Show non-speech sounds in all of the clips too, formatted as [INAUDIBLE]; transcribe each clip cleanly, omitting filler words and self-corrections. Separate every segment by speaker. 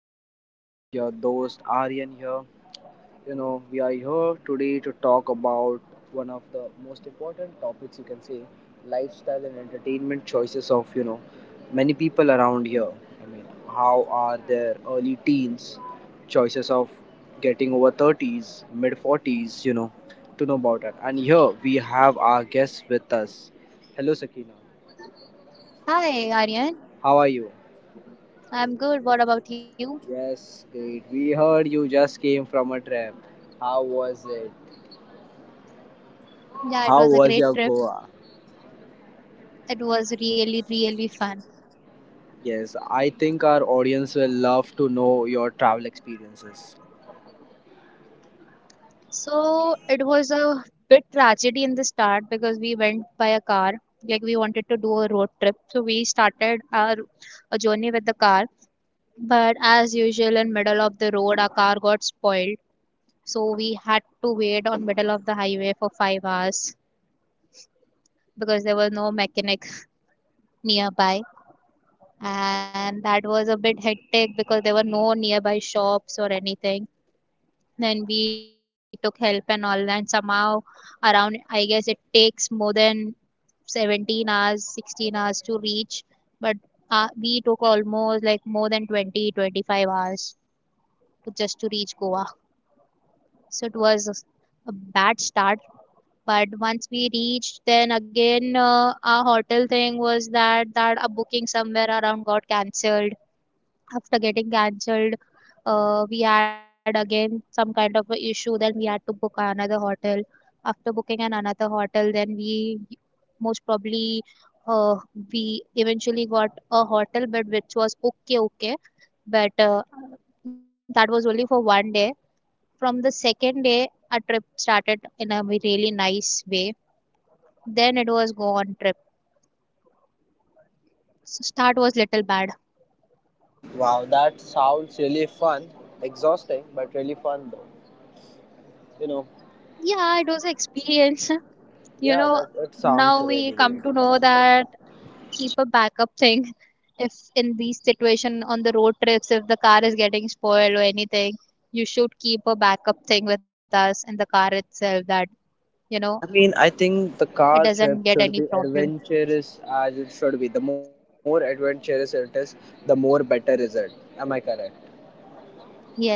Speaker 1: This is your host, Aryan here. We are here today to talk about one of the most important topics, you can say lifestyle and entertainment choices of, you know, many people around here. I mean, how are their early teens choices of getting over 30s, mid 40s, you know, to know about it. And here we have our guest with us. Hello, Sakina.
Speaker 2: Hi, Aryan.
Speaker 1: How are you?
Speaker 2: I'm good. What about you?
Speaker 1: Yes, great. We heard you just came from a trip. How was it?
Speaker 2: Yeah, it
Speaker 1: How
Speaker 2: was a
Speaker 1: was
Speaker 2: great
Speaker 1: your
Speaker 2: trip.
Speaker 1: Goa?
Speaker 2: It was really, really fun.
Speaker 1: Yes, I think our audience will love to know your travel experiences.
Speaker 2: So it was a bit tragedy in the start because we went by a car. Like we wanted to do a road trip, so we started our a journey with the car. But as usual, in middle of the road, our car got spoiled. So we had to wait on middle of the highway for 5 hours because there were no mechanics nearby, and that was a bit hectic because there were no nearby shops or anything. Then we took help and all, and somehow around, I guess it takes more than 17 hours, 16 hours to reach, but we took almost like more than 20, 25 hours just to reach Goa. So it was a bad start. But once we reached, then again, our hotel thing was that a booking somewhere around got cancelled. After getting cancelled, we had again some kind of a issue. Then we had to book another hotel. After booking an another hotel, then we most probably uh, we eventually got a hotel, but which was okay, but that was only for one day. From the second day, our trip started in a really nice way. Then it was go on trip. So start was little bad.
Speaker 1: Wow, that sounds really fun. Exhausting, but really fun though. You know,
Speaker 2: Yeah, it was an experience. [LAUGHS] You
Speaker 1: yeah,
Speaker 2: know,
Speaker 1: that sounds
Speaker 2: now we
Speaker 1: really
Speaker 2: come
Speaker 1: great.
Speaker 2: to know that keep a backup thing [LAUGHS] if in these situation on the road trips, if the car is getting spoiled or anything, you should keep a backup thing with us in the car itself, that you know
Speaker 1: I mean, I think the
Speaker 2: it
Speaker 1: car
Speaker 2: doesn't get
Speaker 1: trip
Speaker 2: any
Speaker 1: should be
Speaker 2: problem.
Speaker 1: adventurous as it should be. The more adventurous it is, the more better is it. Am I correct?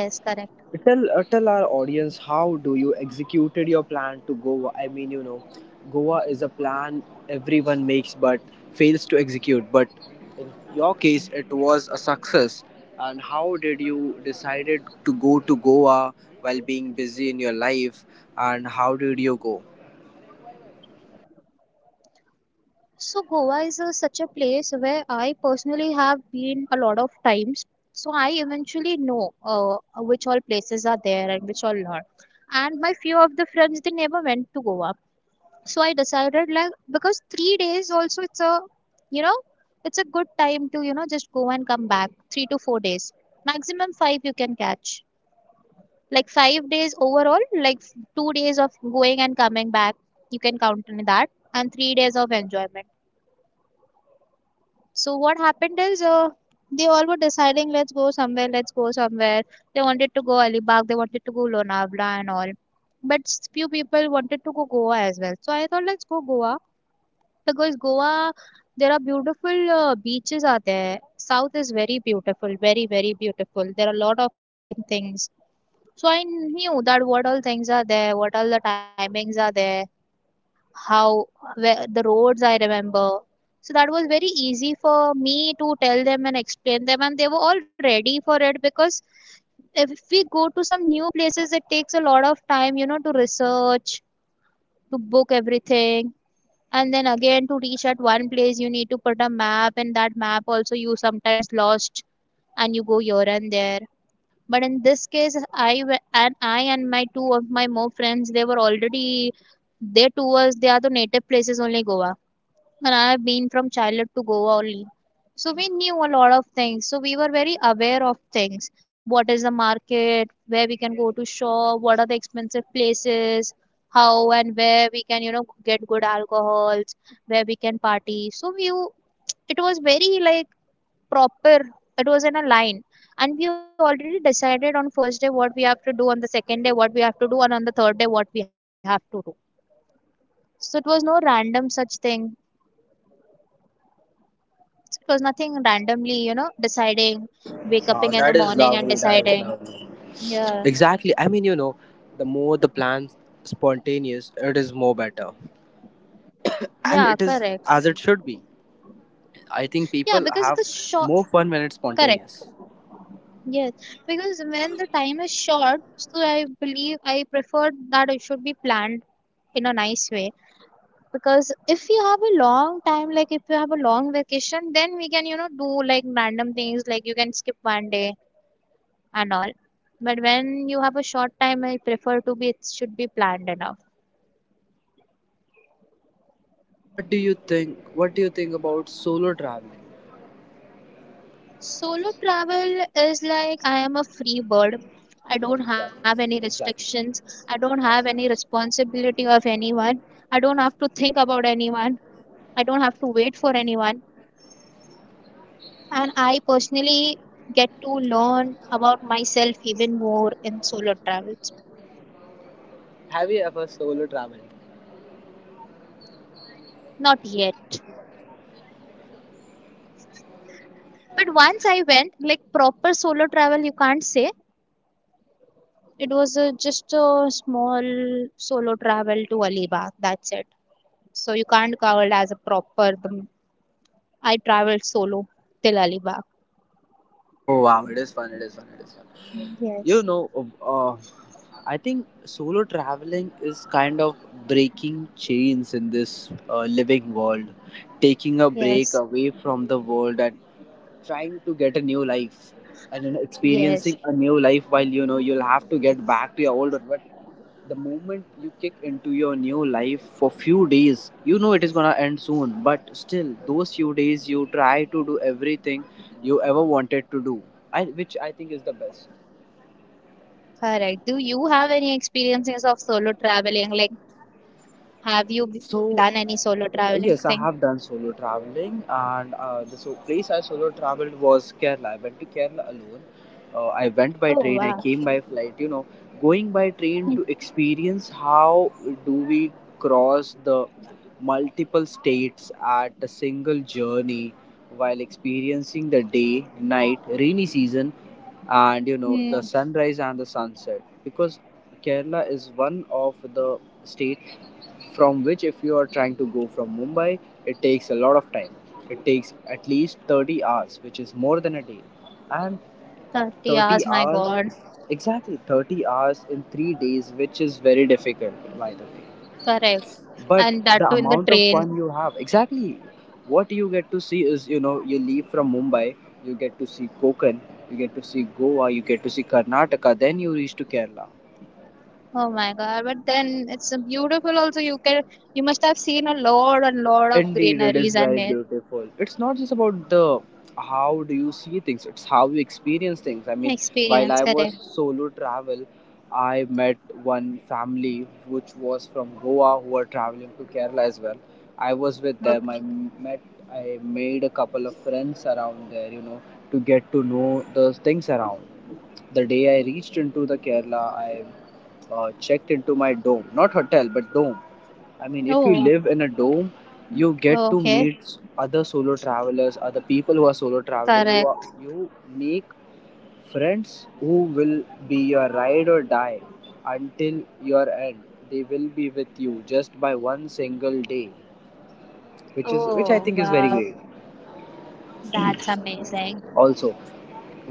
Speaker 2: Yes,
Speaker 1: Tell
Speaker 2: correct.
Speaker 1: tell our audience how do you executed your plan to Goa. I mean, you know, Goa is a plan everyone makes but fails to execute, but in your case it was a success. And how did you decided to go to Goa while being busy in your life, and how did you go?
Speaker 2: So Goa is such a place where I personally have been a lot of times. So I eventually know which all places are there and which all not. And my few of the friends, they never went to Goa. So I decided, like, because 3 days also, you know it's a good time to just go and come back. 3 to 4 days, maximum 5, you can catch like 5 days overall, like 2 days of going and coming back you can count in that, and 3 days of enjoyment. So what happened is, they all were deciding, let's go somewhere, let's go somewhere. They wanted to go Alibag, they wanted to go Lonavala and all, but few people wanted to go Goa as well. So I thought, let's go Goa, because Goa, there are beautiful beaches are there. South is very beautiful, very very beautiful. There are a lot of clubbing things. So I knew that what all things are there, what all the timings are there, how where the roads I remember. So that was very easy for me to tell them and explain them, and they were all ready for it, because if we go to some new places, it takes a lot of time, to research, to book everything, and then again to reach at one place you need to put a map, and that map also you sometimes lost and you go here and there. But in this case, and I and my two of my more friends, they were already their tours, they are the native places only Goa, and I have been from childhood to Goa only. So we knew a lot of things. So we were very aware of things. What is the market? Where we can go to shop? What are the expensive places? How and where we can get good alcohols? Where we can party? So we it was very like proper. It was in a line, and we already decided on first day what we have to do, on the second day what we have to do, and on the third day what we have to do. So it was no random such thing. It was nothing randomly, deciding, wake up
Speaker 1: Wow,
Speaker 2: in the
Speaker 1: that is
Speaker 2: morning and
Speaker 1: lovely, that is
Speaker 2: deciding.
Speaker 1: lovely.
Speaker 2: Yeah,
Speaker 1: Exactly. I mean, you know, the more the plan spontaneous it is, more better, and
Speaker 2: yeah,
Speaker 1: it is
Speaker 2: correct.
Speaker 1: as it should be. I think
Speaker 2: Yeah,
Speaker 1: people
Speaker 2: because
Speaker 1: have
Speaker 2: the short,
Speaker 1: more fun when it's
Speaker 2: correct.
Speaker 1: spontaneous.
Speaker 2: Yes, because when the time is short, so I believe I prefer that it should be planned in a nice way. Because if you have a long time, like if you have a long vacation, then we can, do like random things, like you can skip one day and all. But when you have a short time, I prefer to be, it should be planned enough.
Speaker 1: What do you think? What do you think about solo traveling?
Speaker 2: Solo travel is like I am a free bird. I don't have
Speaker 1: Exactly.
Speaker 2: any
Speaker 1: Exactly.
Speaker 2: restrictions. I don't have any responsibility of anyone. I don't have to think about anyone. I don't have to wait for anyone. And I personally get to learn about myself even more in solo travels.
Speaker 1: Have you ever solo traveled?
Speaker 2: Not yet. But once I went, like proper solo travel, you can't say. It was a, just a small solo travel to Alibag. That's it. So you can't call it as a proper I traveled solo till Alibag.
Speaker 1: Oh wow! It is fun. It is fun. It is fun. You
Speaker 2: Yes,
Speaker 1: know, uh, I think solo traveling is kind of breaking chains in this living world, taking a break
Speaker 2: yes,
Speaker 1: away from the world at trying to get a new life, and, you know, experiencing
Speaker 2: yes.
Speaker 1: a new life while, you know, you'll have to get back to your old one. But the moment you kick into your new life for few days, you know it is gonna end soon, but still those few days you try to do everything you ever wanted to do, I, which I think is the best.
Speaker 2: Correct. Do you have any experiences of solo traveling? Like, have you
Speaker 1: So
Speaker 2: done any solo traveling
Speaker 1: yes, I
Speaker 2: thing?
Speaker 1: have done solo traveling, and the so place I solo traveled was Kerala. I went to Kerala alone. I went by
Speaker 2: Oh,
Speaker 1: train. I came
Speaker 2: wow.
Speaker 1: by flight. You know, going by train to experience how do we cross the multiple states at a single journey, while experiencing the day, night, rainy season, and, you know, the
Speaker 2: Hmm.
Speaker 1: sunrise and the sunset. Because Kerala is one of the states from which, if you are trying to go from Mumbai, it takes a lot of time. It takes at least 30 hours, which is more than a day. And
Speaker 2: 30 hours,
Speaker 1: 30
Speaker 2: my
Speaker 1: hours,
Speaker 2: God.
Speaker 1: exactly 30 hours in 3 days, which is very difficult, by the way.
Speaker 2: Correct.
Speaker 1: But
Speaker 2: And
Speaker 1: the
Speaker 2: that too in the
Speaker 1: amount of
Speaker 2: train.
Speaker 1: fun you have, exactly what you get to see is, you know, you leave from Mumbai, you get to see Konkan, you get to see Goa, you get to see Karnataka, then you reach to Kerala.
Speaker 2: Oh my God. But then it's a beautiful also. You must have seen a lot and lot of
Speaker 1: Indeed, it is
Speaker 2: greeneries and
Speaker 1: very beautiful. It's not just about the how do you see things, it's how you experience things. I mean, while
Speaker 2: experience.
Speaker 1: I was
Speaker 2: Correct.
Speaker 1: solo travel, I met one family which was from Goa who were traveling to Kerala as well. I was with them. I
Speaker 2: Okay.
Speaker 1: met, I made a couple of friends around there, you know, to get to know the things around. The day I reached into the Kerala, I checked into my dome, not hotel, but dome. I mean, if you
Speaker 2: Oh,
Speaker 1: live in a dome, you get to
Speaker 2: okay.
Speaker 1: meet other solo travelers, other people who are solo traveling. You are
Speaker 2: Correct.
Speaker 1: you make friends who will be your ride or die until your end. They will be with you just by one single day, which I
Speaker 2: Oh,
Speaker 1: think is very
Speaker 2: wow.
Speaker 1: great.
Speaker 2: That's amazing.
Speaker 1: Also,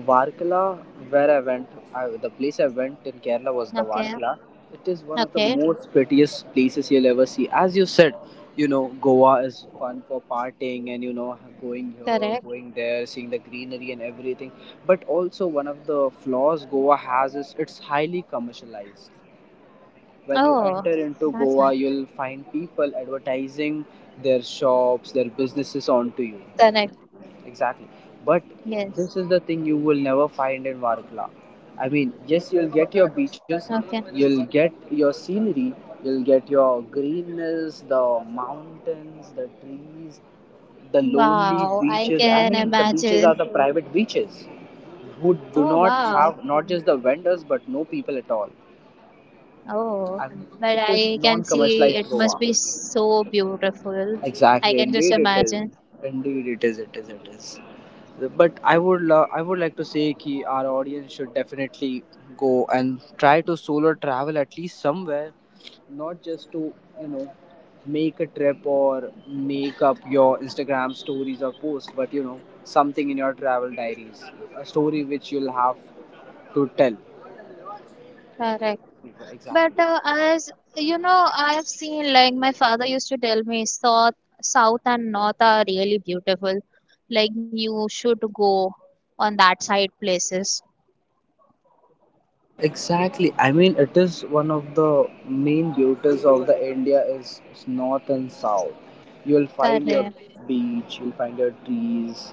Speaker 1: Varkala, where I went, I, the place I went in Kerala was the
Speaker 2: Okay.
Speaker 1: Varkala. It is one of the
Speaker 2: Okay.
Speaker 1: most prettiest places you'll ever see. As you said, you know, Goa is fun for partying and, you know, going here,
Speaker 2: Correct.
Speaker 1: going there, seeing the greenery and everything. But also, one of the flaws Goa has is it's highly commercialized. When you
Speaker 2: Oh,
Speaker 1: enter into
Speaker 2: that's nice.
Speaker 1: Goa, you'll find people advertising their shops, their businesses onto you.
Speaker 2: Correct.
Speaker 1: Exactly. But
Speaker 2: Yes.
Speaker 1: this is the thing you will never find in Varkla. I mean, yes, you'll get your beaches,
Speaker 2: Okay.
Speaker 1: you'll get your scenery, you'll get your greenness, the mountains, the trees, the lonely
Speaker 2: Wow. I
Speaker 1: beaches. I
Speaker 2: can
Speaker 1: mean, the beaches are
Speaker 2: imagine.
Speaker 1: the private beaches who do
Speaker 2: Oh,
Speaker 1: not
Speaker 2: wow.
Speaker 1: have not just the vendors but no people at all.
Speaker 2: Oh,
Speaker 1: I mean,
Speaker 2: but
Speaker 1: it is
Speaker 2: I
Speaker 1: non
Speaker 2: can see,
Speaker 1: commercialized
Speaker 2: it must
Speaker 1: Goa.
Speaker 2: be so beautiful. I
Speaker 1: Exactly,
Speaker 2: can just
Speaker 1: indeed it is.
Speaker 2: imagine.
Speaker 1: Indeed it is. It is. It is. But I would love. I would like to say that our audience should definitely go and try to solo travel at least somewhere, not just to, you know, make a trip or make up your Instagram stories or posts, but, you know, something in your travel diaries, a story which you'll have to tell
Speaker 2: Correct.
Speaker 1: people.
Speaker 2: But
Speaker 1: Exactly.
Speaker 2: as you know, I have seen, like my father used to tell me, south, south and north are really beautiful. Like you should go on that side places.
Speaker 1: Exactly. I mean, it is one of the main beauties of the India is north and south. You'll find
Speaker 2: Correct,
Speaker 1: your beach, you'll find your trees,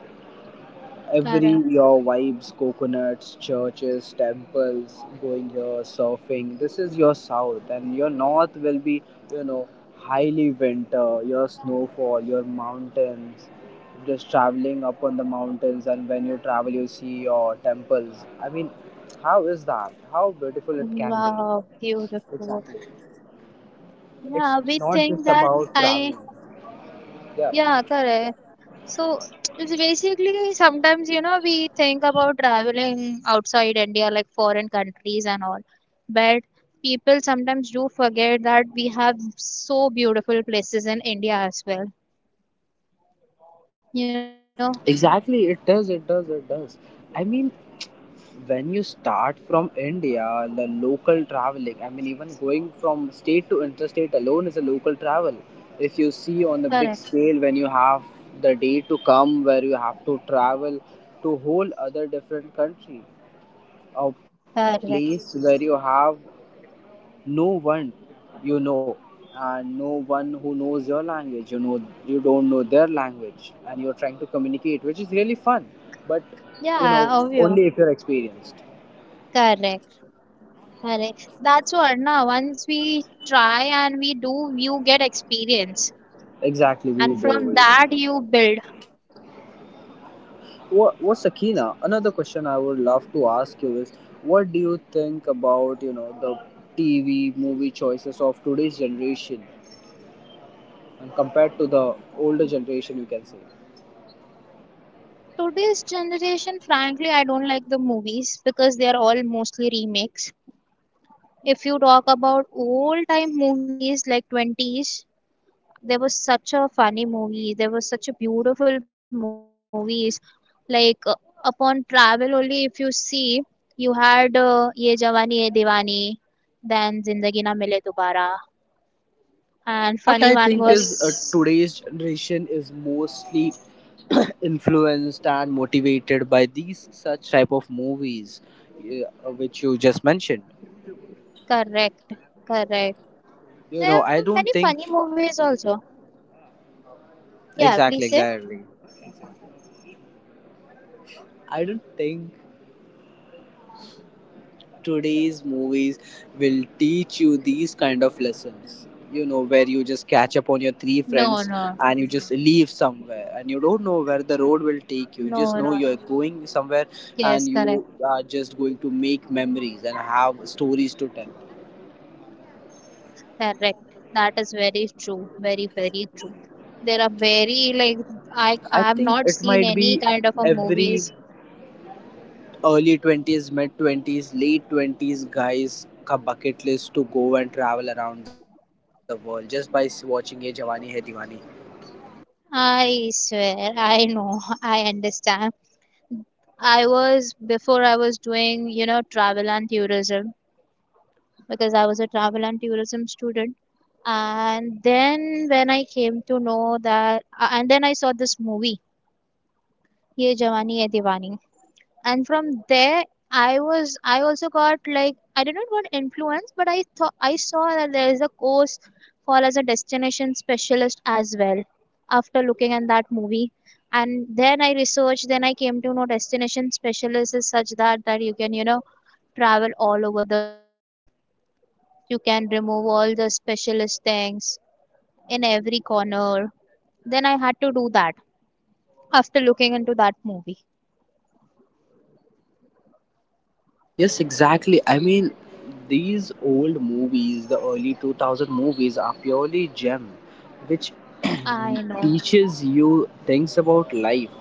Speaker 1: every your
Speaker 2: correct.
Speaker 1: vibes, coconuts, churches, temples, going here, surfing. This is your south, and your north will be, you know, highly winter, your snowfall, your mountains, just traveling up on the mountains. And when you travel, you see your temples. I mean, how is that? How beautiful it can be.
Speaker 2: Wow,
Speaker 1: Exactly.
Speaker 2: beautiful. Yeah,
Speaker 1: It's
Speaker 2: we think
Speaker 1: not just
Speaker 2: that
Speaker 1: about
Speaker 2: I
Speaker 1: traveling. Yeah.
Speaker 2: yeah, correct. So it's basically, sometimes, we think about traveling outside India, like foreign countries and all. But people sometimes do forget that we have so beautiful places in India as well. You know,
Speaker 1: Exactly. It does. It does. It does. I mean, when you start from India, the local traveling, I mean, even going from state to interstate alone is a local travel. If you see on the
Speaker 2: correct,
Speaker 1: big scale, when you have the day to come where you have to travel to whole other different country, a
Speaker 2: correct.
Speaker 1: place where you have no one you know and no one who knows your language, you know, you don't know their language and you're trying to communicate, which is really fun, but, you know,
Speaker 2: Yeah, obvious.
Speaker 1: only if you're experienced.
Speaker 2: Correct. Correct. That's what. Now once we try and we do, you get experience.
Speaker 1: Exactly,
Speaker 2: And
Speaker 1: we do,
Speaker 2: from
Speaker 1: we do.
Speaker 2: that you build.
Speaker 1: What Sakina? Another question I would love to ask you is, what do you think about, you know, the TV movie choices of today's generation and compared to the older generation? You can say.
Speaker 2: Today's generation, frankly, I don't like the movies because they are all mostly remakes. If you talk about old time movies, like 20s, there was such a funny movie, there was such a beautiful movies. Like upon travel only, if you see, you had Ye Jawani Ye Diwani, then Zindagi Na Mile Dobara, and
Speaker 1: What
Speaker 2: funny
Speaker 1: I
Speaker 2: one
Speaker 1: think is
Speaker 2: was
Speaker 1: today's generation is mostly [CLEARS THROAT] influenced and motivated by these such type of movies, yeah, which you just mentioned.
Speaker 2: correct, correct.
Speaker 1: You
Speaker 2: There
Speaker 1: know,
Speaker 2: are
Speaker 1: I
Speaker 2: many
Speaker 1: don't
Speaker 2: funny
Speaker 1: think
Speaker 2: movies also. Yeah, please say.
Speaker 1: exactly, exactly. I don't think today's movies will teach you these kind of lessons. You know, where you just
Speaker 2: No,
Speaker 1: catch up
Speaker 2: no.
Speaker 1: on your three friends and you just leave somewhere and you don't know where the road
Speaker 2: No,
Speaker 1: will
Speaker 2: no.
Speaker 1: take you. You just know you're going
Speaker 2: Yes,
Speaker 1: somewhere
Speaker 2: correct,
Speaker 1: and you are just going to make memories and have stories to tell.
Speaker 2: correct. That is very true, very, very true. There are very like I
Speaker 1: I
Speaker 2: I have
Speaker 1: think
Speaker 2: not
Speaker 1: it
Speaker 2: seen
Speaker 1: might
Speaker 2: any
Speaker 1: be
Speaker 2: kind of a
Speaker 1: every
Speaker 2: movies.
Speaker 1: early 20s, mid 20s, late 20s guys ka bucket list to go and travel around the world just by watching Ye Jawani Hai Diwani.
Speaker 2: I swear, I know, [LAUGHS] I understand. I was before I was doing, travel and tourism, because I was a travel and tourism student. And then when I came to know that, and then I saw this movie, Ye Jawani Hai Diwani. And from there, I also got, like I did not got influence, but I thought I saw that there is a course called as a destination specialist as well, after looking at that movie. And then I researched, then I came to know destination specialist is such that you can travel all over the world, you can remove all the specialist things in every corner. Then I had to do that after looking into that movie.
Speaker 1: Yes, exactly. I mean, these old movies, the early 2000 movies, are purely gem, which [CLEARS THROAT]
Speaker 2: I know,
Speaker 1: teaches you things about life,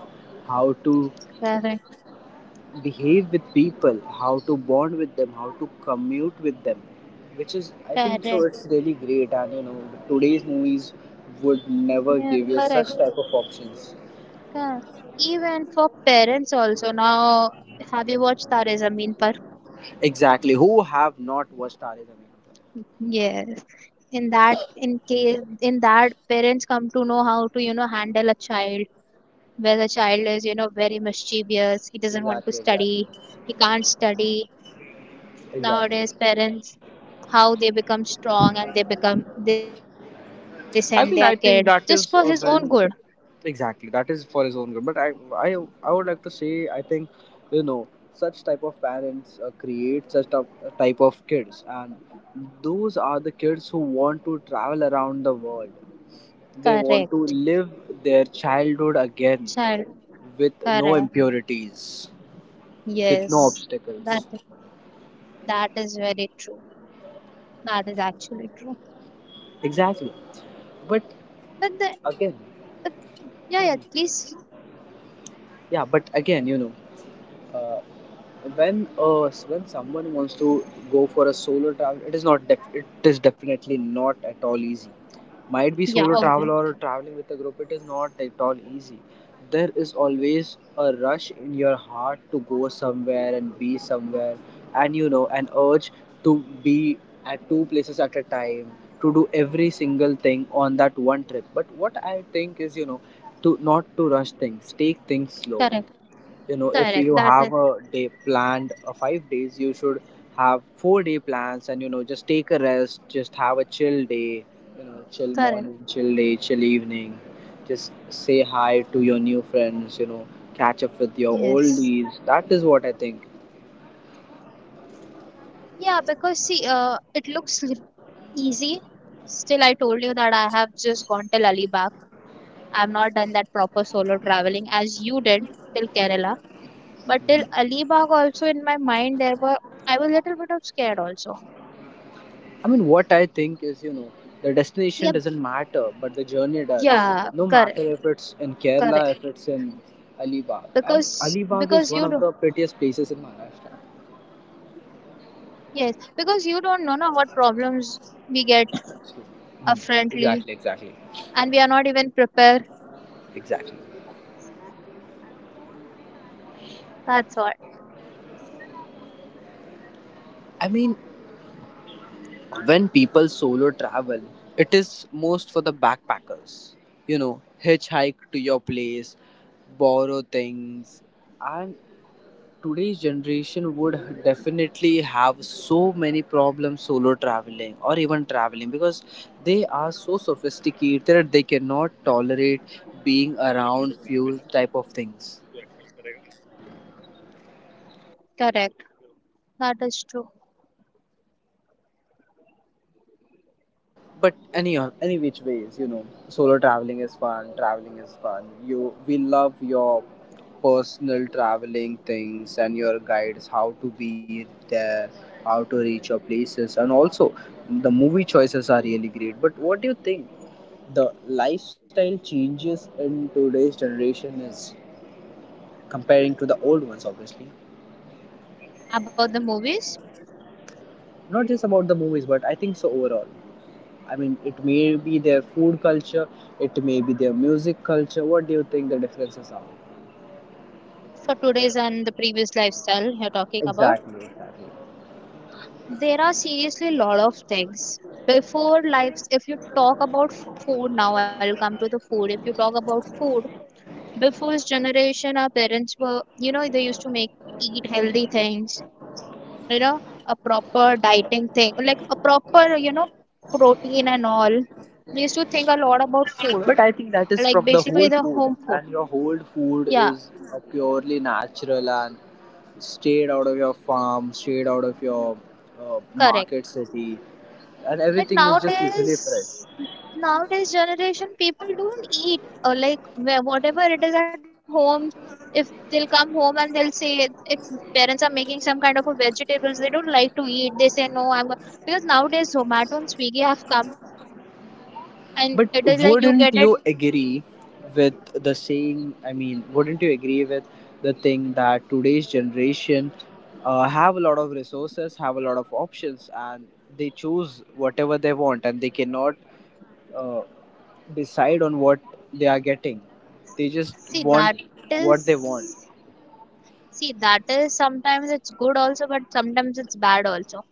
Speaker 1: how to
Speaker 2: correct,
Speaker 1: behave with people, how to bond with them, how to commute with them, which is, I think, so
Speaker 2: correct.
Speaker 1: it's really great. And, you know, today's movies would never
Speaker 2: Yeah,
Speaker 1: give you
Speaker 2: correct.
Speaker 1: such type of options.
Speaker 2: Yeah. Even for parents also. Now, have you watched Tare Zameen Par?
Speaker 1: Exactly. Who have not watched Tare Zameen Par?
Speaker 2: Yes. In that, parents come to know how to, handle a child, where the child is, very mischievous. He doesn't want to
Speaker 1: Exactly.
Speaker 2: study.
Speaker 1: Exactly.
Speaker 2: He can't study. Nowadays,
Speaker 1: Exactly.
Speaker 2: parents, how they become strong and they send their kid
Speaker 1: I
Speaker 2: just
Speaker 1: mean, I
Speaker 2: for his
Speaker 1: think
Speaker 2: own
Speaker 1: that
Speaker 2: good.
Speaker 1: is when exactly that is for his own good. But I, I, I would like to say, I think, you know, such type of parents create such type of kids, and those are the kids who want to travel around the world. They want to
Speaker 2: Correct.
Speaker 1: live their childhood again
Speaker 2: Child.
Speaker 1: with no
Speaker 2: Correct.
Speaker 1: impurities, with no
Speaker 2: Yes. That.
Speaker 1: obstacles.
Speaker 2: That is very true. That is actually true.
Speaker 1: Exactly. But
Speaker 2: But the
Speaker 1: again, [LAUGHS]
Speaker 2: but yeah, yeah,
Speaker 1: Mhm.
Speaker 2: please.
Speaker 1: Yeah. But again, you know. uh, when when someone wants to go for a solo travel, it is not it is definitely not at all easy. Might be
Speaker 2: Yeah,
Speaker 1: solo
Speaker 2: obvious.
Speaker 1: travel or traveling with a group, it is not at all easy. There is always a rush in your heart to go somewhere and be somewhere, and, you know, an urge to be at two places at a time to do every single thing on that one trip. But what I think is, you know, to not to rush things, take things slow.
Speaker 2: Correct.
Speaker 1: You know, if
Speaker 2: Correct.
Speaker 1: you
Speaker 2: That
Speaker 1: have
Speaker 2: is
Speaker 1: a day planned, 5 days, you should have 4 day plans, and, you know, just take a rest, just have a chill day, you know, chill
Speaker 2: correct.
Speaker 1: morning, chill day, chill evening, just say hi to your new friends, you know, catch up with your
Speaker 2: Yes.
Speaker 1: oldies. That is what I think.
Speaker 2: Yeah, because see, it looks easy. Still, I told you that I have just gone till Alibag. I've not done that proper solo traveling as you did till Kerala. But till
Speaker 1: Mhm.
Speaker 2: Alibag also, in my mind, there were I was a little bit of scared also.
Speaker 1: I mean, what I think is, you know, the destination
Speaker 2: Yep.
Speaker 1: doesn't matter but the journey does,
Speaker 2: Yeah,
Speaker 1: no
Speaker 2: correct,
Speaker 1: matter if it's in Kerala,
Speaker 2: correct.
Speaker 1: if it's in Alibag. And
Speaker 2: Because
Speaker 1: Alibag is
Speaker 2: because
Speaker 1: one
Speaker 2: you
Speaker 1: of
Speaker 2: do.
Speaker 1: the prettiest places in Maharashtra.
Speaker 2: Yes, because you don't know now what problems we get
Speaker 1: Hmm.
Speaker 2: upfrontly,
Speaker 1: Exactly, exactly,
Speaker 2: and we are not even prepared.
Speaker 1: exactly.
Speaker 2: That's all.
Speaker 1: I mean, when people solo travel, it is most for the backpackers. You know, hitchhike to your place, borrow things, and today's generation would definitely have so many problems solo traveling or even traveling, because they are so sophisticated they cannot tolerate being around few type of things.
Speaker 2: Correct. That is true.
Speaker 1: But any which ways, you know, solo traveling is fun, traveling is fun. You we love your personal traveling things and your guides, how to be there, how to reach your places, and also the movie choices are really great. But what do you think the lifestyle changes in today's generation is comparing to the old ones? Obviously
Speaker 2: About the movies,
Speaker 1: not just about the movies, but I think so overall. I mean, it may be their food culture, it may be their music culture. What do you think the differences are?
Speaker 2: for today's and the previous lifestyle you're talking about,
Speaker 1: Exactly, exactly.
Speaker 2: there are seriously lot of things. Before lives, if you talk about food now, I'll come to the food. If you talk about food, before's generation, our parents were, they used to make eat healthy things, you know, a proper dieting thing, like a proper, protein and all. We used to think a lot about food,
Speaker 1: But I think that is
Speaker 2: like
Speaker 1: from the
Speaker 2: basically
Speaker 1: whole
Speaker 2: the
Speaker 1: food,
Speaker 2: home food.
Speaker 1: and your whole food
Speaker 2: Yeah,
Speaker 1: is purely natural and straight out of your farm, straight out of your
Speaker 2: correct.
Speaker 1: market city, and
Speaker 2: But
Speaker 1: everything is just literally fresh.
Speaker 2: nowadays generation people don't eat or like where whatever it is at home. If they'll come home and they'll say, if parents are making some kind of a vegetables, they don't like to eat. They say no, I'm go-, because nowadays Zomato and Swiggy have come and it is
Speaker 1: But
Speaker 2: like you get it.
Speaker 1: wouldn't you agree with the saying? I mean, wouldn't you agree with the thing that today's generation have a lot of resources, have a lot of options, and they choose whatever they want, and they cannot uh, decide on what they are getting. They just
Speaker 2: See,
Speaker 1: want
Speaker 2: that
Speaker 1: what they want.
Speaker 2: is, see, that is sometimes it's good also, but sometimes it's bad also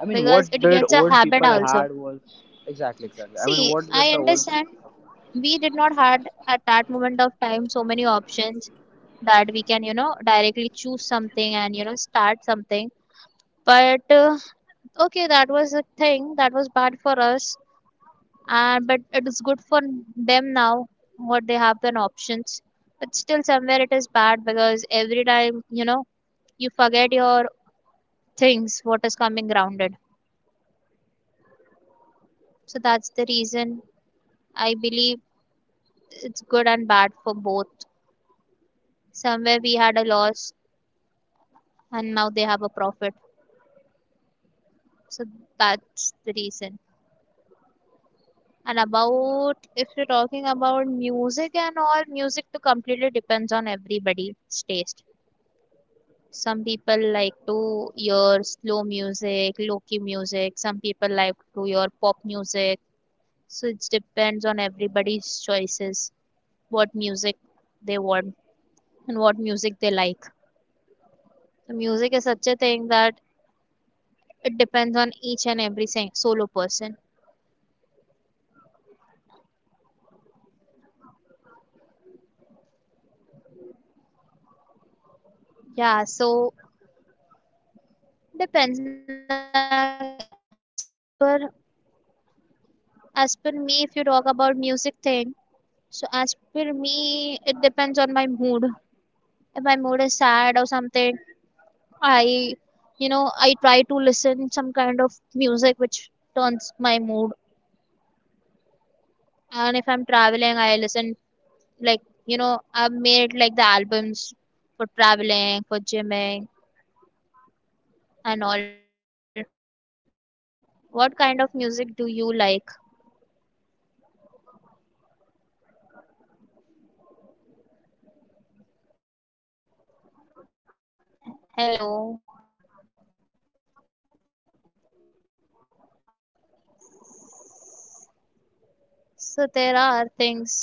Speaker 1: I mean,
Speaker 2: because
Speaker 1: what
Speaker 2: it
Speaker 1: did
Speaker 2: gets a
Speaker 1: old
Speaker 2: habit
Speaker 1: people
Speaker 2: also.
Speaker 1: had was exactly exactly. I mean,
Speaker 2: See,
Speaker 1: what
Speaker 2: I
Speaker 1: did the old
Speaker 2: understand we did not had at that moment of time so many options that we can, directly choose something and, start something. But okay, that was a thing that was bad for us. And but it is good for them now what they have the options, but still somewhere it is bad because every time you forget your things what is coming grounded. So that's the reason I believe it's good and bad for both. Somewhere we had a loss and now they have a profit. So that's the reason. And about if you're talking about music and all, music to completely depends on everybody's taste. Some people like to hear slow music, low-key music. Some people like to hear pop music. So it depends on everybody's choices, what music they want and what music they like. The music is such a thing that it depends on each and every solo person. Yeah, so depends. Like, as per me, if you talk about music thing, so as per me, it depends on my mood. If my mood is sad or something, I, I try to listen some kind of music which turns my mood. And if I'm traveling, I listen, like I've made like the albums for traveling, for gymming, and all. What kind of music do you like? Hello. So there are things